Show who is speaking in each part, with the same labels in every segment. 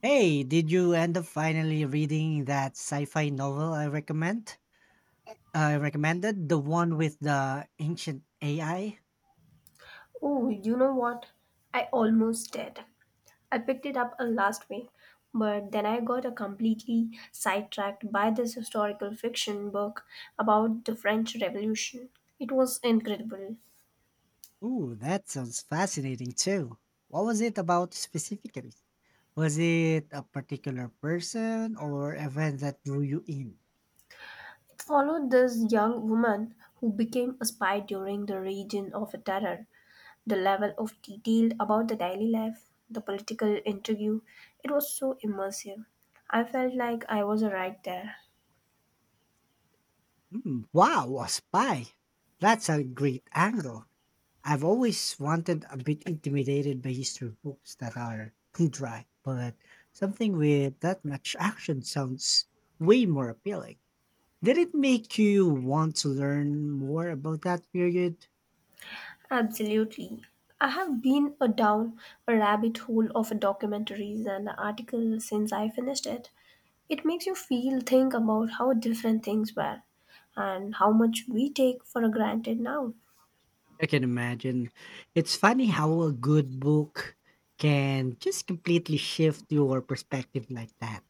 Speaker 1: Hey, did you end up finally reading that sci-fi novel I recommend? I recommended the one with the ancient AI.
Speaker 2: Oh, you know what? I almost did. I picked it up last week, but then I got a completely sidetracked by this historical fiction book about the French Revolution. It was incredible.
Speaker 1: Ooh, that sounds fascinating too. What was it about specifically? Was it a particular person or event that drew you in?
Speaker 2: It followed this young woman who became a spy during the region of terror. The level of detail about the daily life, the political intrigue, it was so immersive. I felt like I was right there.
Speaker 1: Hmm, wow, a spy. That's a great angle. I've always wanted a bit intimidated by history books that are dry, but something with that much action sounds way more appealing. Did it make you want to learn more about that period?
Speaker 2: Absolutely. I have been a down a rabbit hole of documentaries and articles since I finished it. It makes you feel think about how different things were and how much we take for granted now.
Speaker 1: I can imagine. It's funny how a good book can just completely shift your perspective like that.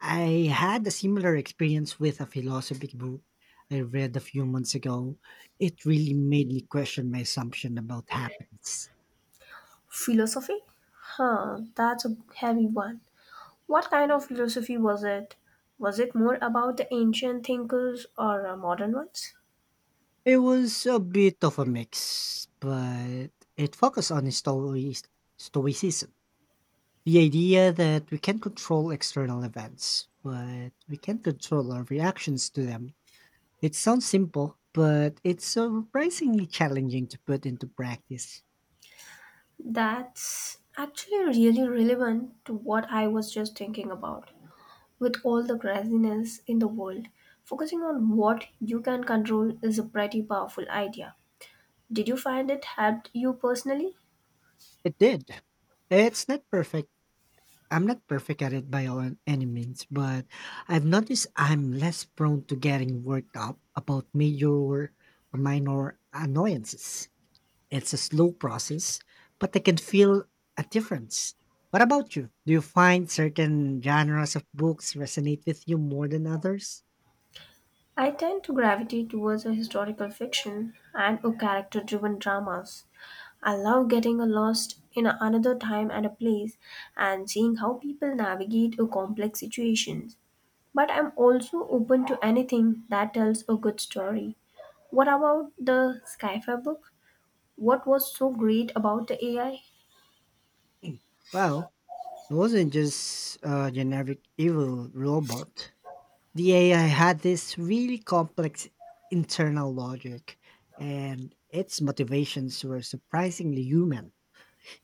Speaker 1: I had a similar experience with a philosophy book I read a few months ago. It really made me question my assumption about happiness.
Speaker 2: Philosophy? Huh, that's a heavy one. What kind of philosophy was it? Was it more about the ancient thinkers or modern ones?
Speaker 1: It was a bit of a mix, but it focused on stoicism. The idea that we can control external events, but we can control our reactions to them. It sounds simple, but it's surprisingly challenging to put into practice.
Speaker 2: That's actually really relevant to what I was just thinking about. With all the craziness in the world, focusing on what you can control is a pretty powerful idea. Did you find it helped you personally?
Speaker 1: It did. It's not perfect. I'm not perfect at it by all any means, but I've noticed I'm less prone to getting worked up about major or minor annoyances. It's a slow process, but I can feel a difference. What about you? Do you find certain genres of books resonate with you more than others?
Speaker 2: I tend to gravitate towards a historical fiction and a character driven dramas. I love getting lost in another time and a place and seeing how people navigate a complex situations. But I'm also open to anything that tells a good story. What about the sci-fi book? What was so great about the AI?
Speaker 1: Well, it wasn't just a generic evil robot. The AI had this really complex internal logic, and its motivations were surprisingly human.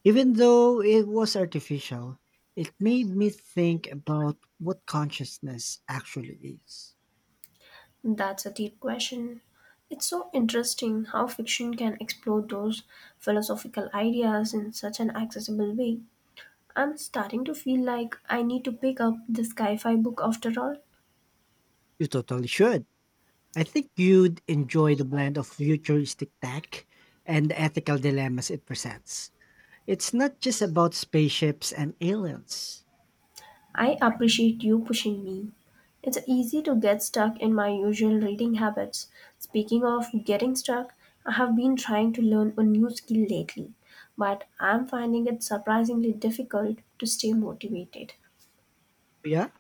Speaker 1: Even though it was artificial, it made me think about what consciousness actually is.
Speaker 2: That's a deep question. It's so interesting how fiction can explore those philosophical ideas in such an accessible way. I'm starting to feel like I need to pick up the sci fi book after all.
Speaker 1: You totally should. I think you'd enjoy the blend of futuristic tech and the ethical dilemmas it presents. It's not just about spaceships and aliens.
Speaker 2: I appreciate you pushing me. It's easy to get stuck in my usual reading habits. Speaking of getting stuck, I have been trying to learn a new skill lately, but I'm finding it surprisingly difficult to stay motivated.
Speaker 1: Yeah?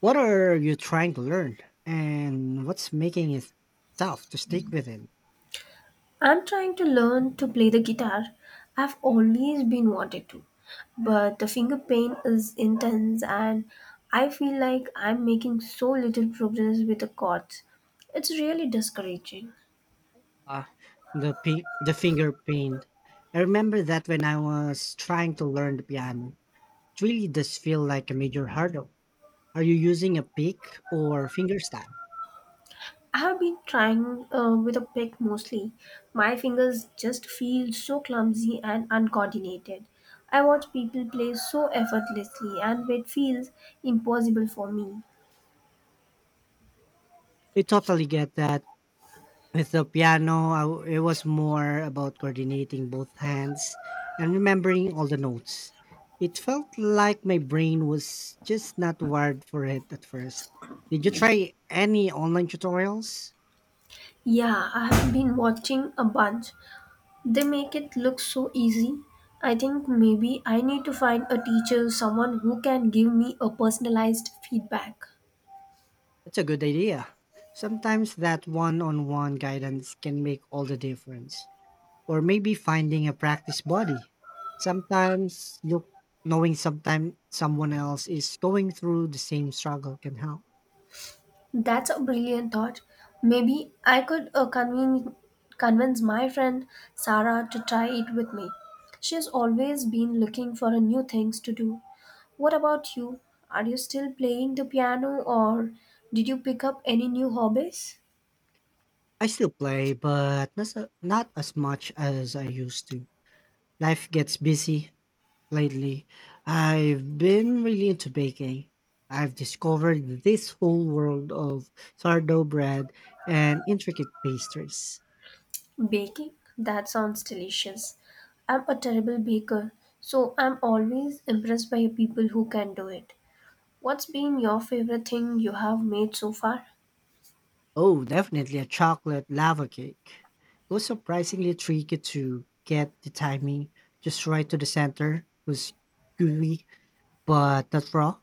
Speaker 1: What are you trying to learn? And what's making it tough to stick within?
Speaker 2: I'm trying to learn to play the guitar. I've always been wanted to, but the finger pain is intense and I feel like I'm making so little progress with the chords. It's really discouraging.
Speaker 1: Uh, the, the finger pain. I remember that when I was trying to learn the piano, it really does feel like a major hurdle. Are you using a pick or finger style?
Speaker 2: I have been trying with a pick mostly. My fingers just feel so clumsy and uncoordinated. I watch people play so effortlessly and it feels impossible for me.
Speaker 1: I totally get that. With the piano, I w it was more about coordinating both hands and remembering all the notes. It felt like my brain was just not wired for it at first. Did you try any online tutorials?
Speaker 2: Yeah, I have been watching a bunch. They make it look so easy. I think maybe I need to find a teacher, someone who can give me a personalized feedback.
Speaker 1: That's a good idea. Sometimes that one on one guidance can make all the difference. Or maybe finding a practice body. Sometimes look knowing sometime someone else is going through the same struggle can help.
Speaker 2: That's a brilliant thought. Maybe I could convince my friend Sarah to try it with me. She's always been looking for a new things to do. What about you? Are you still playing the piano or did you pick up any new hobbies?
Speaker 1: I still play, but not as much as I used to. Life gets busy lately. I've been really into baking. I've discovered this whole world of sourdough bread and intricate pastries.
Speaker 2: Baking? That sounds delicious. I'm a terrible baker, so I'm always impressed by people who can do it. What's been your favorite thing you have made so far?
Speaker 1: Oh, definitely a chocolate lava cake. It was surprisingly tricky to get the timing just right to the center. It was gooey, but not raw.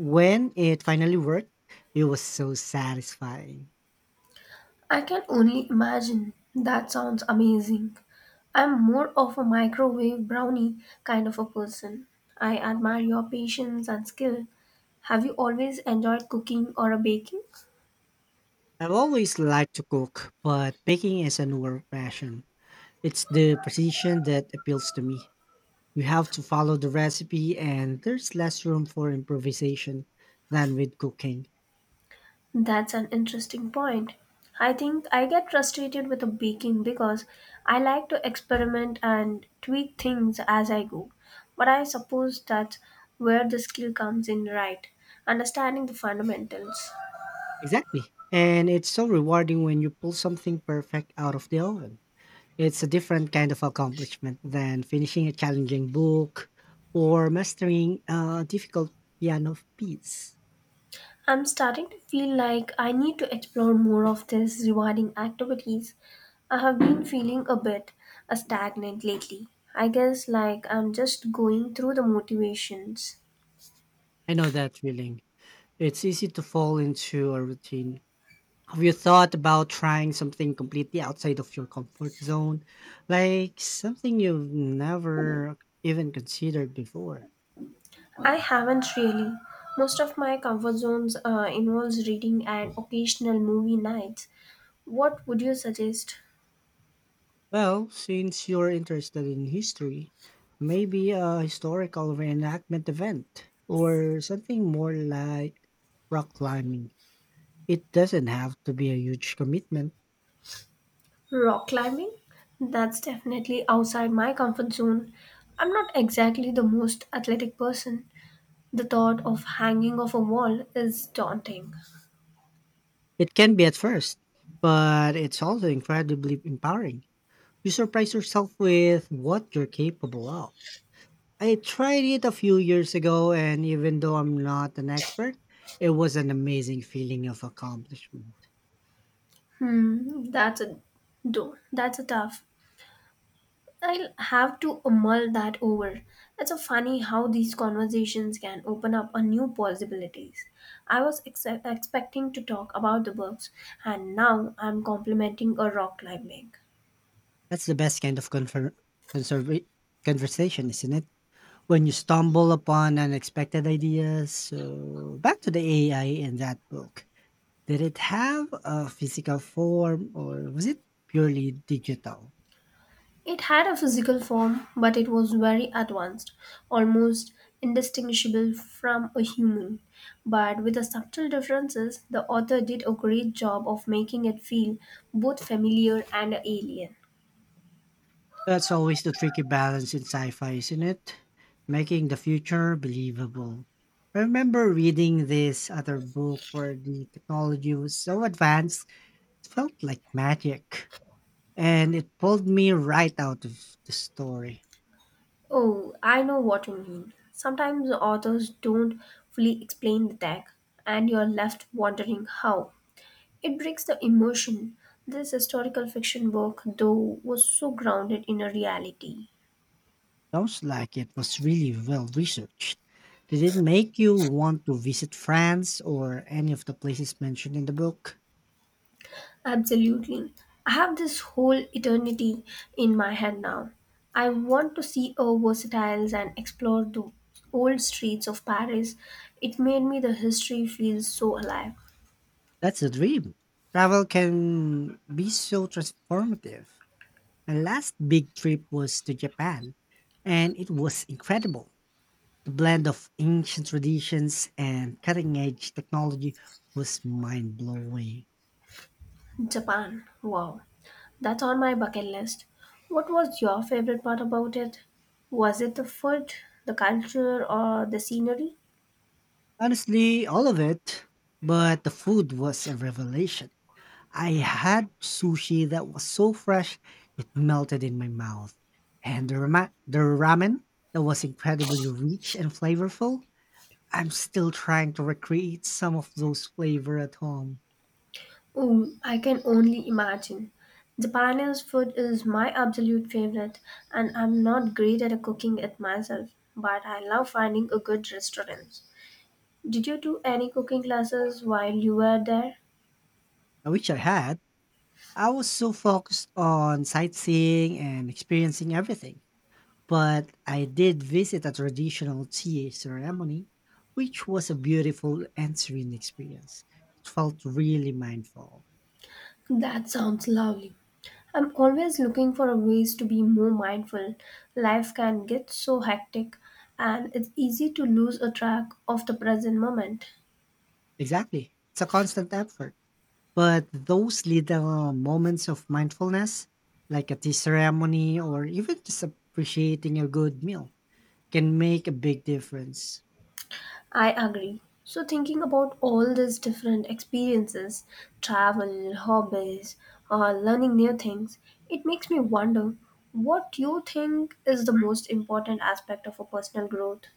Speaker 1: When it finally worked, it was so satisfying.
Speaker 2: I can only imagine. That sounds amazing. I'm more of a microwave brownie kind of a person. I admire your patience and skill. Have you always enjoyed cooking or baking?
Speaker 1: I've always liked to cook, but baking is a newer passion. It's the precision that appeals to me. You have to follow the recipe, and there's less room for improvisation than with cooking.
Speaker 2: That's an interesting point. I think I get frustrated with the baking because I like to experiment and tweak things as I go. But I suppose that's where the skill comes in, right? Understanding the fundamentals.
Speaker 1: Exactly. And it's so rewarding when you pull something perfect out of the oven. It's a different kind of accomplishment than finishing a challenging book or mastering a difficult piano piece.
Speaker 2: I'm starting to feel like I need to explore more of these rewarding activities. I have been feeling a bit stagnant lately. I guess like I'm just going through the motivations.
Speaker 1: I know that feeling. It's easy to fall into a routine. Have you thought about trying something completely outside of your comfort zone? Like something you've never even considered before?
Speaker 2: I haven't really. Most of my comfort zones involves reading and occasional movie nights. What would you suggest?
Speaker 1: Well, since you're interested in history, maybe a historical reenactment event or something more like rock climbing. It doesn't have to be a huge commitment.
Speaker 2: Rock climbing? That's definitely outside my comfort zone. I'm not exactly the most athletic person. The thought of hanging off a wall is daunting.
Speaker 1: It can be at first, but it's also incredibly empowering. You surprise yourself with what you're capable of. I tried it a few years ago, and even though I'm not an expert, it was an amazing feeling of accomplishment.
Speaker 2: Hmm, that's a do. That's a tough. I'll have to mull that over. It's so funny how these conversations can open up a new possibilities. I was expecting to talk about the books, and now I'm complimenting a rock climbing.
Speaker 1: That's the best kind of conserva- conversation, isn't it? When you stumble upon unexpected ideas. So, back to the AI in that book. Did it have a physical form or was it purely digital?
Speaker 2: It had a physical form, but it was very advanced, almost indistinguishable from a human. But with the subtle differences, the author did a great job of making it feel both familiar and alien.
Speaker 1: That's always the tricky balance in sci-fi, isn't it? Making the future believable. I remember reading this other book where the technology was so advanced, it felt like magic. And it pulled me right out of the story.
Speaker 2: Oh, I know what you mean. Sometimes authors don't fully explain the tag, and you're left wondering how. It brings the emotion. This historical fiction book, though, was so grounded in a reality.
Speaker 1: Sounds like it was really well researched. Did it make you want to visit France or any of the places mentioned in the book?
Speaker 2: Absolutely. I have this whole eternity in my head now. I want to see our versatiles and explore the old streets of Paris. It made me the history feels so alive.
Speaker 1: That's a dream. Travel can be so transformative. My last big trip was to Japan, and it was incredible. The blend of ancient traditions and cutting edge technology was mind blowing.
Speaker 2: Japan. Wow. That's on my bucket list. What was your favorite part about it? Was it the food, the culture, or the scenery?
Speaker 1: Honestly, all of it, but the food was a revelation. I had sushi that was so fresh it melted in my mouth, and the ramen that was incredibly rich and flavorful. I'm still trying to recreate some of those flavor at home.
Speaker 2: Ooh, I can only imagine. Japanese food is my absolute favorite, and I'm not great at cooking it myself, but I love finding a good restaurant. Did you do any cooking classes while you were there?
Speaker 1: I wish I had. I was so focused on sightseeing and experiencing everything. But I did visit a traditional tea ceremony, which was a beautiful and serene experience. It felt really mindful.
Speaker 2: That sounds lovely. I'm always looking for ways to be more mindful. Life can get so hectic and it's easy to lose a track of the present moment.
Speaker 1: Exactly. It's a constant effort. But those little moments of mindfulness, like a tea ceremony or even just appreciating a good meal, can make a big difference.
Speaker 2: I agree. So, thinking about all these different experiences travel, hobbies, or learning new things it makes me wonder what you think is the most important aspect of a personal growth.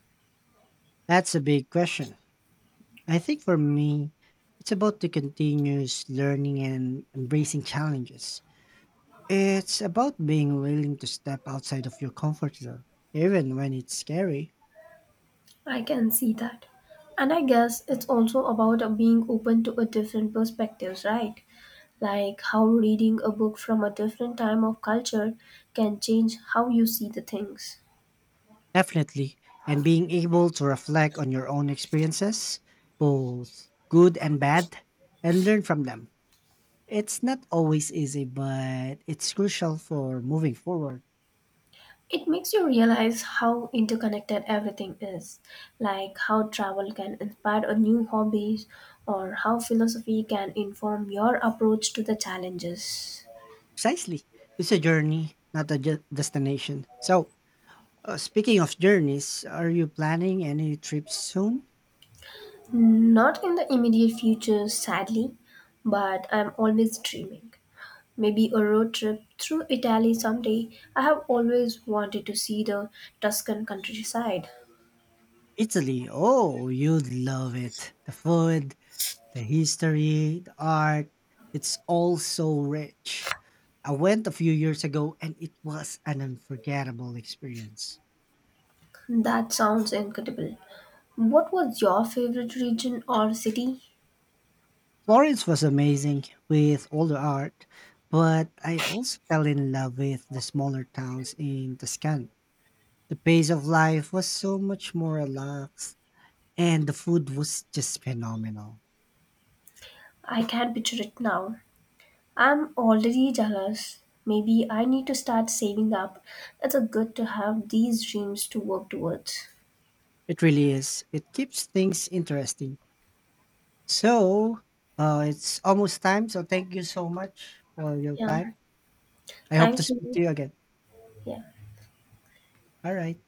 Speaker 1: That's a big question. I think for me, it's about the continuous learning and embracing challenges. It's about being willing to step outside of your comfort zone, even when it's scary.
Speaker 2: I can see that. And I guess it's also about being open to a different perspectives, right? Like how reading a book from a different time of culture can change how you see the things.
Speaker 1: Definitely. And being able to reflect on your own experiences, both good and bad, and learn from them. It's not always easy, but it's crucial for moving forward.
Speaker 2: It makes you realize how interconnected everything is, like how travel can inspire a new hobbies or how philosophy can inform your approach to the challenges.
Speaker 1: Precisely. It's a journey, not a destination. So, speaking of journeys, are you planning any trips soon?
Speaker 2: Not in the immediate future, sadly, but I'm always dreaming. Maybe a road trip through Italy someday. I have always wanted to see the Tuscan countryside.
Speaker 1: Italy. Oh, you'd love it. The food, the history, the art. It's all so rich. I went a few years ago and it was an unforgettable experience.
Speaker 2: That sounds incredible. What was your favorite region or city?
Speaker 1: Florence was amazing with all the art, but I also fell in love with the smaller towns in Tuscany. The pace of life was so much more relaxed, and the food was just phenomenal.
Speaker 2: I can't picture it now. I'm already jealous. Maybe I need to start saving up. It's a good to have these dreams to work towards.
Speaker 1: It really is. It keeps things interesting. So, it's almost time. So, thank you so much for your
Speaker 2: Yeah.
Speaker 1: time. I hope to
Speaker 2: Thank
Speaker 1: speak
Speaker 2: you.
Speaker 1: to you again.
Speaker 2: Yeah.
Speaker 1: All right.